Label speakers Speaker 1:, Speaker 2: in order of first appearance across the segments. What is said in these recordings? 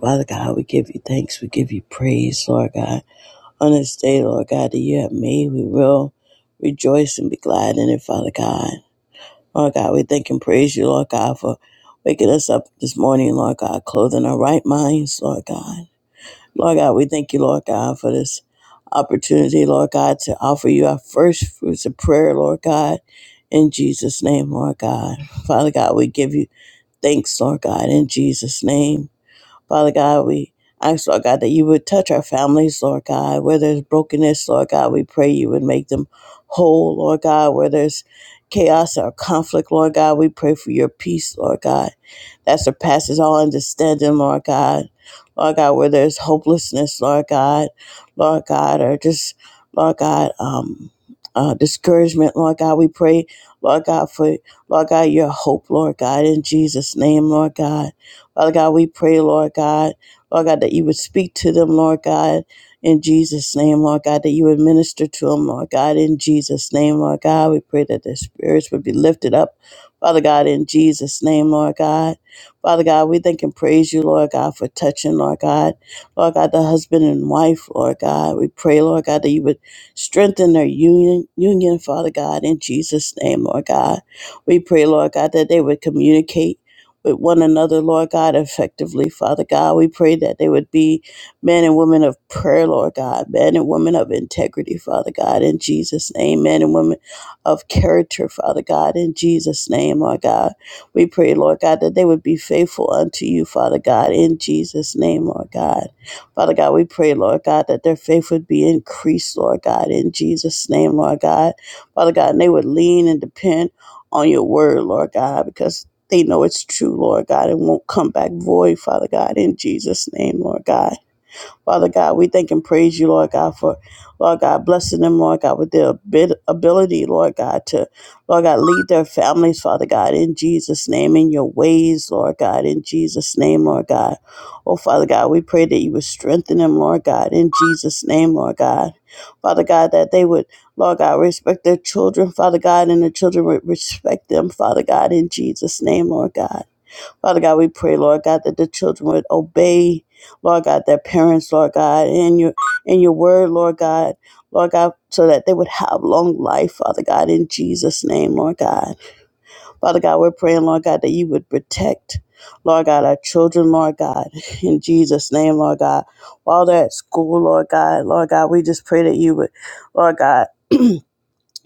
Speaker 1: Father God, we give you thanks. We give you praise, Lord God. On this day, Lord God, that you have made, we will rejoice and be glad in it, Father God. Lord God, we thank and praise you, Lord God, for waking us up this morning, Lord God, clothing our right minds, Lord God. Lord God, we thank you, Lord God, for this opportunity, Lord God, to offer you our first fruits of prayer, Lord God. In Jesus' name, Lord God. Father God, we give you thanks, Lord God, in Jesus' name. Father God, we ask, Lord God, that you would touch our families, Lord God. Where there's brokenness, Lord God, we pray you would make them whole, Lord God. Where there's chaos or conflict, Lord God, we pray for your peace, Lord God, that surpasses all understanding, Lord God. Lord God, where there's hopelessness, Lord God, Lord God, or just, Lord God, um, uh, discouragement, Lord God, we pray, Lord God, for, Lord God, your hope, Lord God, in Jesus' name, Lord God. Father God, we pray, Lord God, Lord God, that you would speak to them, Lord God, in Jesus' name, Lord God, that you would minister to them, Lord God, in Jesus' name, Lord God. We pray that their spirits would be lifted up, Father God, in Jesus' name, Lord God. Father God, we thank and praise you, Lord God, for touching, Lord God. Lord God, the husband and wife, Lord God. We pray, Lord God, that you would strengthen their union, union, Father God, in Jesus' name, Lord God. We pray, Lord God, that they would communicate with one another, Lord God, effectively, Father God. We pray that they would be men and women of prayer, Lord God, men and women of integrity, Father God, in Jesus' name, men and women of character, Father God, in Jesus' name, Lord God. We pray, Lord God, that they would be faithful unto you, Father God, in Jesus' name, Lord God. Father God, we pray, Lord God, that their faith would be increased, Lord God, in Jesus' name, Lord God. Father God, and they would lean and depend on your word, Lord God, because they know it's true, Lord God, and won't come back void, Father God, in Jesus' name, Lord God. Father God, we thank and praise you, Lord God, for, Lord God, blessing them, Lord God, with their abi- ability, Lord God, to, Lord God, lead their families, Father God, in Jesus' name, in your ways, Lord God, in Jesus' name, Lord God. Oh, Father God, we pray that you would strengthen them, Lord God, in Jesus' name, Lord God. Father God, that they would, Lord God, respect their children, Father God, and the children would respect them, Father God, in Jesus' name, Lord God. Father God, we pray, Lord God, that the children would obey, Lord God, their parents, Lord God, and your and your word, Lord God, Lord God, so that they would have long life, Father God, in Jesus' name, Lord God. Father God, we're praying, Lord God, that you would protect, Lord God, our children, Lord God, in Jesus' name, Lord God. While they're at school, Lord God, Lord God, we just pray that you would, Lord God,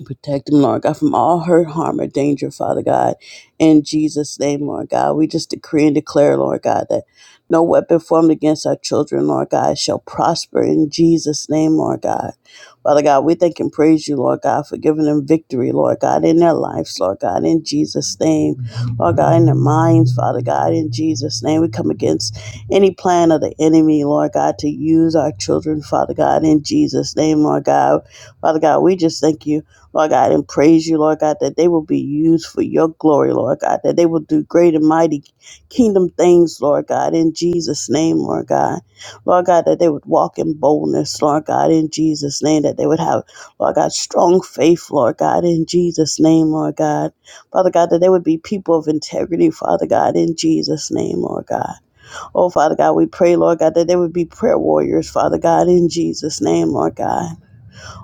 Speaker 1: Protect them, Lord God, from all hurt, harm, or danger, Father God. In Jesus' name, Lord God, we just decree and declare, Lord God, that no weapon formed against our children, Lord God, shall prosper in Jesus' name, Lord God. Father God, we thank and praise you, Lord God, for giving them victory, Lord God, in their lives, Lord God, in Jesus' name. Lord God, in their minds, Father God, in Jesus' name. We come against any plan of the enemy, Lord God, to use our children, Father God, in Jesus' name, Lord God. Father God, we just thank you. Lord God, and praise you, Lord God, that they will be used for your glory, Lord God, that they will do great and mighty kingdom things, Lord God, in Jesus' name, Lord God. Lord God, that they would walk in boldness, Lord God, in Jesus' name, that they would have, Lord God, strong faith, Lord God, in Jesus' name, Lord God. Father God, that they would be people of integrity, Father God, in Jesus' name, Lord God. Oh, Father God, we pray, Lord God, that they would be prayer warriors, Father God, in Jesus' name, Lord God.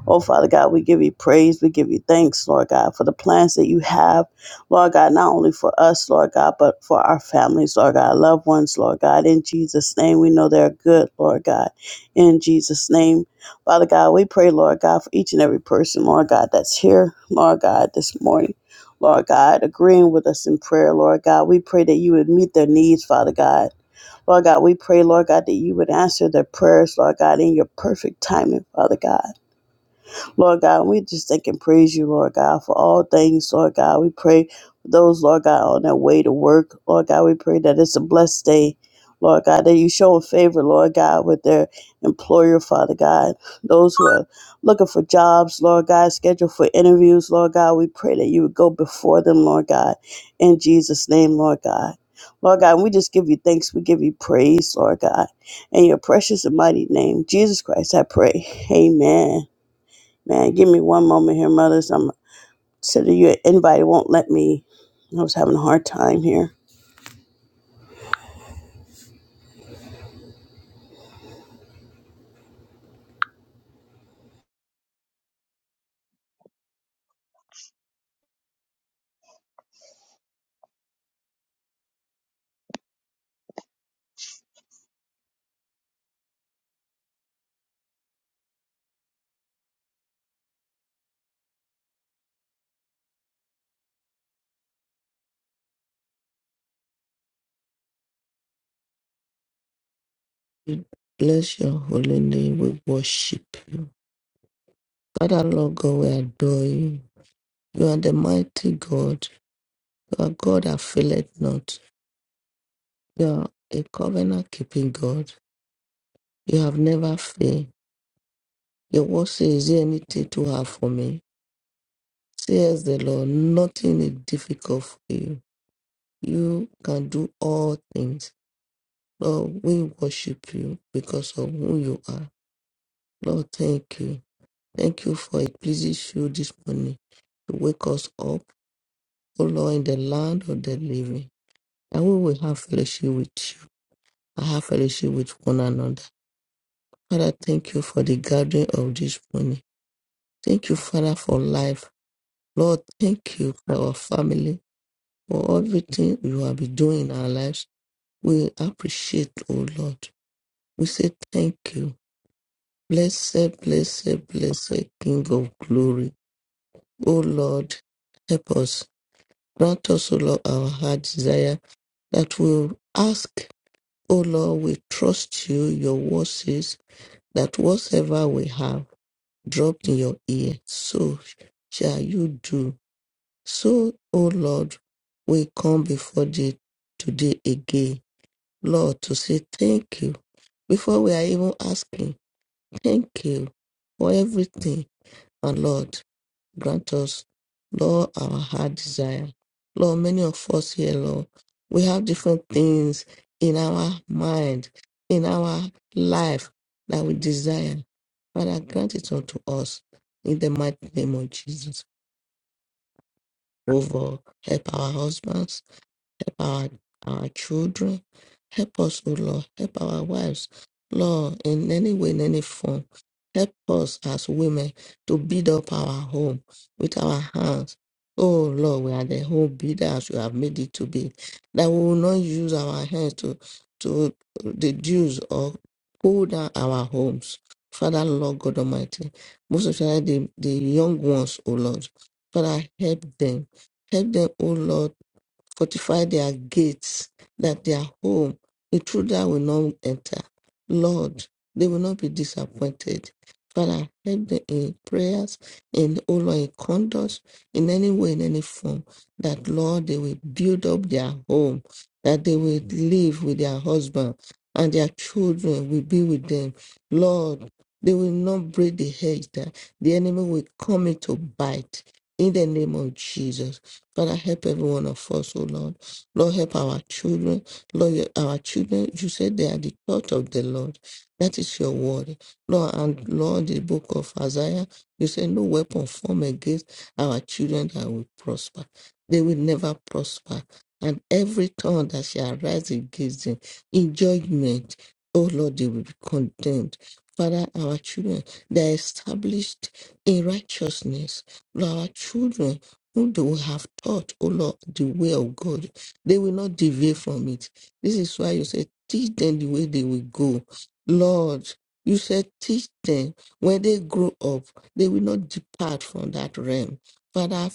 Speaker 1: Oh, Father God, we give you praise. We give you thanks, Lord God, for the plans that you have, Lord God, not only for us, Lord God, but for our families, Lord God, loved ones, Lord God. In Jesus' name, we know they're good, Lord God. In Jesus' name, Father God, we pray, Lord God, for each and every person, Lord God, that's here, Lord God, this morning. Lord God, agreeing with us in prayer, Lord God, we pray that you would meet their needs, Father God. Lord God, we pray, Lord God, that you would answer their prayers, Lord God, in your perfect timing, Father God. Lord God, we just thank and praise you, Lord God, for all things, Lord God. We pray for those, Lord God, on their way to work. Lord God, we pray that it's a blessed day. Lord God, that you show favor, Lord God, with their employer, Father God. Those who are looking for jobs, Lord God, scheduled for interviews, Lord God, we pray that you would go before them, Lord God, in Jesus' name, Lord God. Lord God, we just give you thanks. We give you praise, Lord God. In your precious and mighty name, Jesus Christ, I pray. Amen. Man, give me one moment here, mothers. I'm sending you an invite. It won't let me. I was having a hard time here.
Speaker 2: We bless your holy name. We worship you. Father, Lord God, we adore you. You are the mighty God. You are God that faileth not. You are a covenant keeping God. You have never failed. Your word says, Is there anything too hard for me? Says the Lord, nothing is difficult for you. You can do all things. Lord, we worship you because of who you are. Lord, thank you. Thank you for it, pleasing show this morning to wake us up, O Lord, in the land of the living. And we will have fellowship with you and have fellowship with one another. Father, thank you for the gathering of this morning. Thank you, Father, for life. Lord, thank you for our family, for everything you have been doing in our lives. We appreciate, O Lord. We say thank you. Blessed, blessed, blessed King of glory. O Lord, help us Grant us, O Lord, our heart desire that we ask, O Lord, we trust you, your word says that whatsoever we have dropped in your ear, so shall you do. So, O Lord, we come before thee today again, Lord, to say thank you. Before we are even asking, thank you for everything, and Lord. Grant us, Lord, our heart desire. Lord, many of us here, Lord, we have different things in our mind, in our life that we desire. Father, grant it unto us in the mighty name of Jesus. Over, help our husbands Help our, our children. Help us, O Lord. Help our wives, Lord, in any way, in any form. Help us as women to build up our home with our hands. Oh Lord, we are the home builders you have made it to be. That we will not use our hands to to reduce or pull down our homes. Father, Lord God Almighty, most especially the, the young ones, O Lord. Father, help them. Help them, O Lord fortify their gates, that their home, intruder will not enter. Lord, they will not be disappointed. Father, help them in prayers, in oh Lord, in conduct, in any way, in any form, that Lord, they will build up their home, that they will live with their husband and their children will be with them. Lord, they will not break the hedge that the enemy will come in to bite. In the name of Jesus. Father, help every one of us, oh Lord. Lord, help our children. Lord, your- our children, you said they are the thought of the Lord. That is your word. Lord, and Lord, the book of Isaiah, you said no weapon formed against our children that will prosper. They will never prosper. And every tongue that shall rise against them in judgment, oh Lord, they will be condemned. Father, our children, they are established in righteousness. Lord, our children, whom they will have taught, O Lord, the way of God. They will not deviate from it. This is why you say, teach them the way they will go. Lord, you said, teach them. When they grow up, they will not depart from that realm. Father,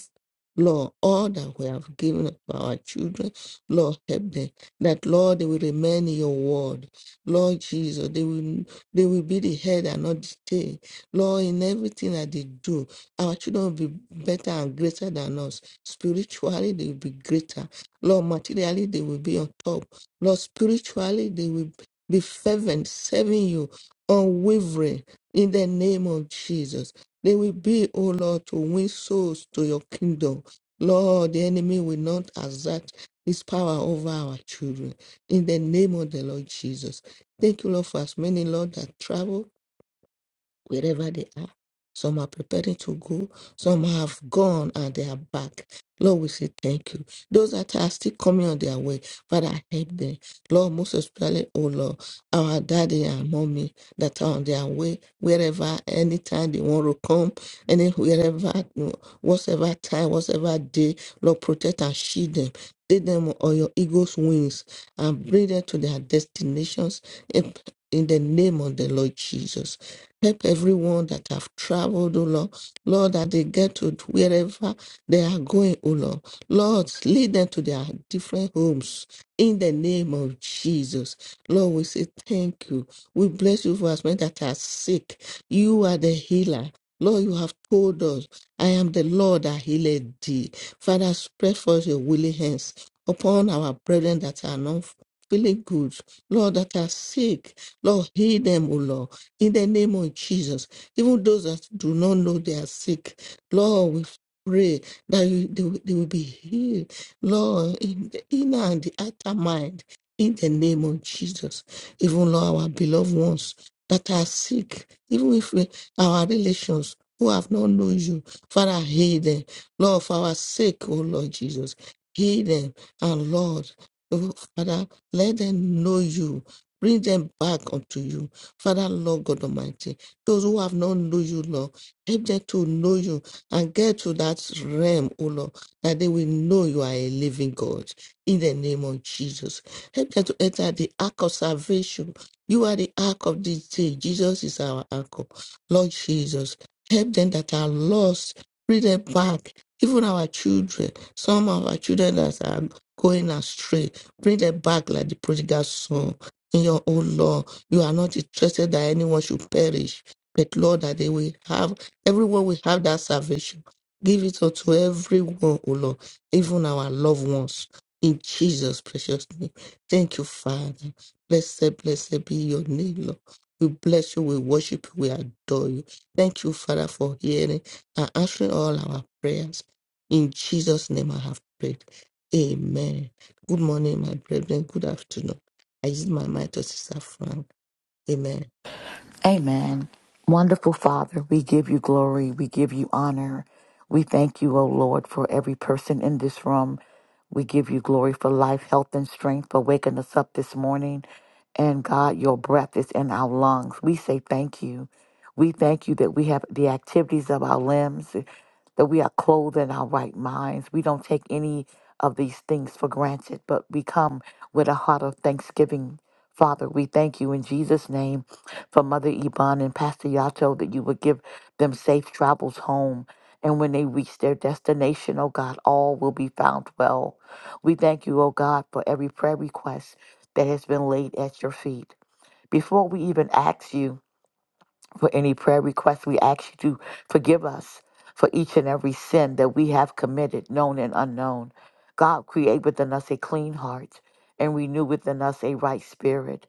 Speaker 2: Lord, all that we have given to our children, Lord, help them. That Lord, they will remain in your word. Lord Jesus, they will they will be the head and not the tail. Lord, in everything that they do, our children will be better and greater than us. Spiritually, they will be greater. Lord, materially, they will be on top. Lord, spiritually, they will be fervent, serving you, unwavering in the name of Jesus. They will be, oh Lord, to win souls to your kingdom. Lord, the enemy will not exert his power over our children. In the name of the Lord Jesus. Thank you, Lord, for as many, Lord, that travel wherever they are. Some are preparing to go, some have gone and they are back. Lord, we say thank you. Those that are still coming on their way, Father, help them. Lord, most especially, oh Lord, our daddy and mommy that are on their way, wherever, anytime they want to come, any wherever, whatever time, whatever day, Lord, protect and shield them. Take them on your eagle's wings and bring them to their destinations in in the name of the Lord Jesus. Help everyone that have traveled, O Lord. Lord, that they get to wherever they are going, O Lord. Lord, lead them to their different homes in the name of Jesus. Lord, we say thank you. We bless you for us men that are sick. You are the healer. Lord, you have told us, I am the Lord that healed thee. Father, spread forth your willing hands upon our brethren that are not feeling good. Lord, that are sick. Lord, heal them, O Lord in the name of Jesus. Even those that do not know they are sick, Lord, we pray that you, they, will- they will be healed, Lord, in the inner and the outer mind, in the name of Jesus. Even, Lord, our beloved ones that are sick, even if we, our relations, who have not known you, Father, heal them. Lord, for our sake, oh Lord Jesus, heal them. And Lord, oh Father, let them know you. Bring them back unto you Father, Lord God Almighty, those who have not known you, Lord, help them to know you and get to that realm, O Lord, that they will know you are a living God. In the name of Jesus, help them to enter the ark of salvation. You are the ark of this day. Jesus is our ark. Lord Jesus, help them that are lost, bring them back. Even our children, some of our children that are going astray, bring them back like the prodigal son. In your own love. You are not interested that anyone should perish, but Lord, that they will have, everyone will have that salvation. Give it unto everyone, O Lord, even our loved ones. In Jesus' precious name. Thank you, Father. Blessed, blessed be your name, Lord. We bless you, we worship you, we adore you. Thank you, Father, for hearing and answering all our prayers. In Jesus' name I have prayed. Amen. Good morning, my brethren. Good afternoon. I use my mind to Sister Frank. Amen.
Speaker 3: Amen. Wonderful Father, we give you glory. We give you honor. We thank you, O Lord, for every person in this room. We give you glory for life, health, and strength for waking us up this morning. And God, your breath is in our lungs. We say thank you. We thank you that we have the activities of our limbs, that we are clothed in our right minds. We don't take any of these things for granted, but we come with a heart of thanksgiving Father, we thank you in Jesus' name for Mother Yvonne and Pastor Yato that you would give them safe travels home. And when they reach their destination, oh God, all will be found well. We thank you, oh God, for every prayer request that has been laid at your feet. Before we even ask you for any prayer request, we ask you to forgive us for each and every sin that we have committed, known and unknown. God, create within us a clean heart and renew within us a right spirit.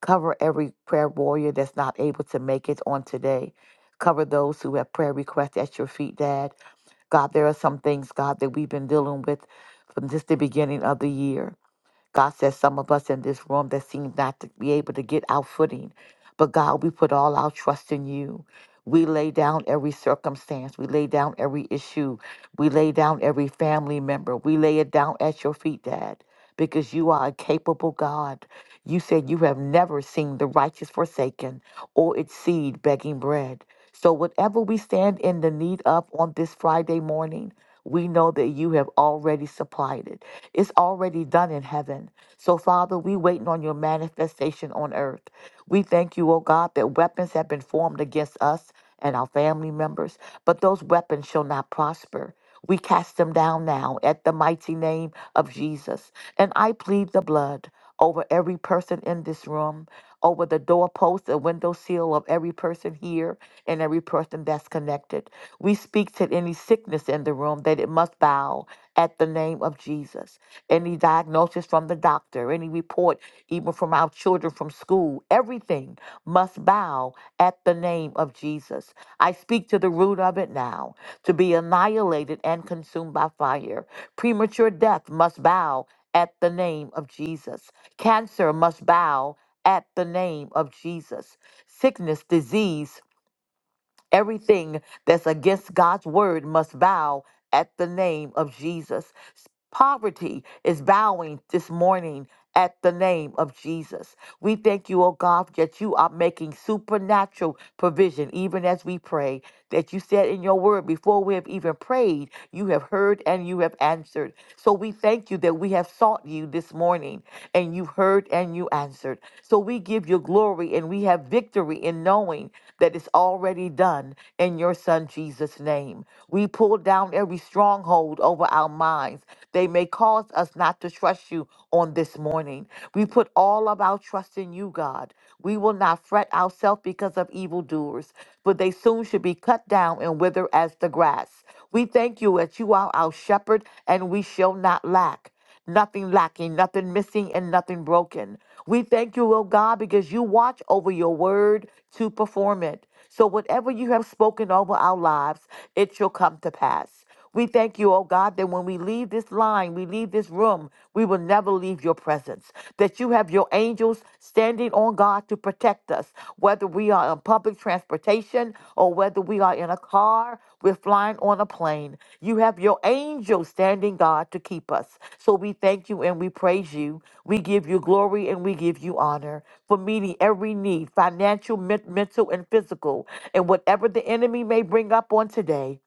Speaker 3: Cover every prayer warrior that's not able to make it on today. Cover those who have prayer requests at your feet, Dad. God, there are some things, God, that we've been dealing with from just the beginning of the year. God says some of us in this room that seem not to be able to get our footing. But God, we put all our trust in you. We lay down every circumstance. We lay down every issue. We lay down every family member. We lay it down at your feet, Dad, because you are a capable God. You said you have never seen the righteous forsaken or its seed begging bread. So, whatever we stand in the need of on this Friday morning, we know that you have already supplied it. It's already done in heaven. So, Father, we waiting on your manifestation on earth. We thank you, oh God, that weapons have been formed against us and our family members, but those weapons shall not prosper. We cast them down now at the mighty name of Jesus. And I plead the blood over every person in this room, over the doorpost, the window seal of every person here and every person that's connected. We speak to any sickness in the room that it must bow at the name of Jesus. Any diagnosis from the doctor, any report, even from our children from school, everything must bow at the name of Jesus. I speak to the root of it now to be annihilated and consumed by fire. Premature death must bow at the name of Jesus. Cancer must bow at the name of Jesus. Sickness, disease, Everything that's against God's word must bow at the name of Jesus. Poverty is bowing this morning at the name of Jesus. We thank you, oh God, that you are making supernatural provision even as we pray. That you said in your word, before we have even prayed, you have heard and you have answered. So we thank you that we have sought you this morning and you heard and you answered. So we give you glory and we have victory in knowing that is already done in your Son Jesus' name. We pull down every stronghold over our minds. They may cause us not to trust you on this morning. We put all of our trust in you, God. We will not fret ourselves because of evildoers, for they soon should be cut down and wither as the grass. We thank you that you are our shepherd and we shall not lack nothing lacking, nothing missing, and nothing broken. We thank you, oh God, because you watch over your word to perform it. So whatever you have spoken over our lives, it shall come to pass. We thank you, oh God, that when we leave this line, we leave this room, we will never leave your presence. That you have your angels standing on God to protect protect us, whether we are on public transportation or whether we are in a car, we're flying on a plane. You have your angels standing guard to keep us. So we thank you and we praise you. We give you glory and we give you honor for meeting every need, financial, men- mental, and physical, and whatever the enemy may bring up on today.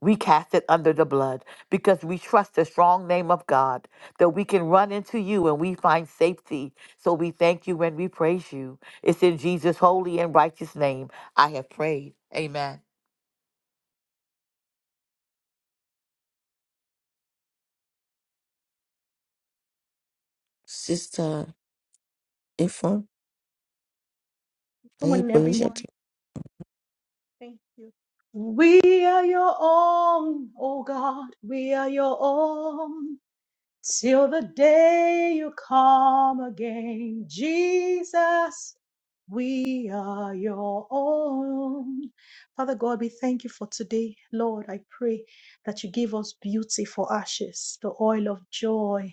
Speaker 3: We cast it under the blood because we trust the strong name of God that we can run into you and we find safety. So we thank you and we praise you. It's in Jesus' holy and righteous name I have prayed. Amen.
Speaker 2: Sister Ifon, are
Speaker 4: Come
Speaker 2: you
Speaker 4: on,
Speaker 2: permission
Speaker 4: everyone.
Speaker 2: to
Speaker 4: Thank you. We are your own, oh God. We are your own. Till the day you come again, Jesus, we are your own. Father God, we thank you for today. Lord, I pray that you give us beauty for ashes, the oil of joy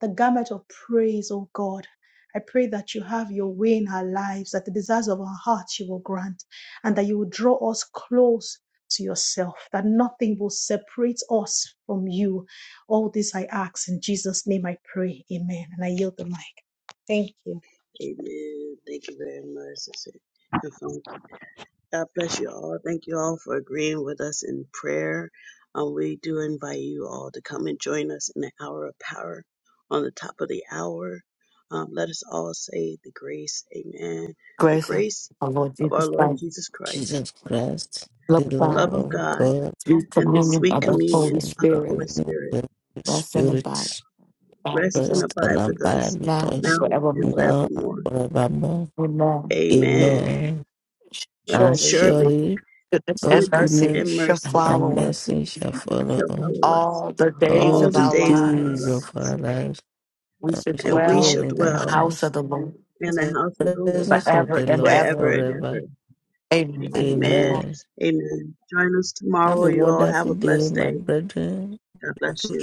Speaker 4: the garment of praise, O God. I pray that you have your way in our lives, that the desires of our hearts you will grant, and that you will draw us close to yourself, that nothing will separate us from you. All this I ask in Jesus' name I pray. Amen. And I yield the mic. Thank you.
Speaker 1: Amen. Thank you very much, sister. And from God bless you all. Thank you all for agreeing with us in prayer. Um, we do invite you all to come and join us in the hour of power on the top of the hour. Um, let us all say the grace. Amen. The
Speaker 3: Grace of
Speaker 1: grace
Speaker 3: our Lord
Speaker 1: of our
Speaker 3: Jesus
Speaker 1: Lord
Speaker 3: Christ,
Speaker 1: Jesus Christ,
Speaker 2: Jesus Christ, the
Speaker 3: love of
Speaker 1: the
Speaker 2: love
Speaker 3: God,
Speaker 1: love of
Speaker 2: of
Speaker 1: God,
Speaker 2: God,
Speaker 3: sweet
Speaker 1: and the
Speaker 3: communion
Speaker 1: sweet
Speaker 3: of the
Speaker 2: and
Speaker 3: Holy
Speaker 1: communion of the
Speaker 2: the
Speaker 3: Spirit,
Speaker 1: Holy
Speaker 2: communion
Speaker 1: Spirit
Speaker 2: of the
Speaker 3: rest and abide
Speaker 2: Spirit,
Speaker 3: God
Speaker 1: rest
Speaker 3: with
Speaker 1: and
Speaker 2: rest
Speaker 3: us
Speaker 1: abide
Speaker 2: and
Speaker 1: with us
Speaker 2: abide with
Speaker 3: now and
Speaker 2: us
Speaker 1: now and
Speaker 3: forevermore.
Speaker 2: now and
Speaker 1: forevermore.
Speaker 2: forevermore?
Speaker 3: Amen. And
Speaker 1: Amen.
Speaker 2: Amen.
Speaker 1: And
Speaker 2: And
Speaker 3: surely
Speaker 1: surely
Speaker 2: surely
Speaker 3: goodness and
Speaker 2: God's
Speaker 1: goodness
Speaker 3: mercy
Speaker 1: and
Speaker 2: goodness
Speaker 3: shall
Speaker 1: mercy
Speaker 2: and
Speaker 3: follow us
Speaker 2: mercy shall follow
Speaker 1: shall
Speaker 2: us
Speaker 1: follow us
Speaker 3: all the days
Speaker 2: all
Speaker 1: all
Speaker 3: of
Speaker 1: the
Speaker 2: the
Speaker 3: our
Speaker 1: days of our
Speaker 2: days
Speaker 3: lives.
Speaker 2: of
Speaker 1: lives,
Speaker 2: our lives,
Speaker 3: We
Speaker 2: and
Speaker 3: should
Speaker 2: we shall
Speaker 1: and we
Speaker 3: dwell
Speaker 2: dwell
Speaker 1: shall
Speaker 2: in
Speaker 3: in
Speaker 2: the
Speaker 3: the
Speaker 1: dwell
Speaker 3: house
Speaker 2: house,
Speaker 3: of the Lord
Speaker 1: in the
Speaker 2: the
Speaker 1: house of the Lord
Speaker 2: presence of
Speaker 3: forever
Speaker 2: the
Speaker 3: and
Speaker 2: Lord
Speaker 1: forever
Speaker 3: ever.
Speaker 1: and
Speaker 2: forever.
Speaker 1: ever.
Speaker 3: Amen.
Speaker 1: Amen.
Speaker 3: Amen.
Speaker 2: Amen.
Speaker 1: Amen. Join us
Speaker 2: Have
Speaker 1: tomorrow.
Speaker 2: a
Speaker 1: You all have
Speaker 2: wonderful
Speaker 1: a
Speaker 2: day,
Speaker 1: blessed
Speaker 2: my
Speaker 1: day.
Speaker 2: brethren.
Speaker 1: God bless you.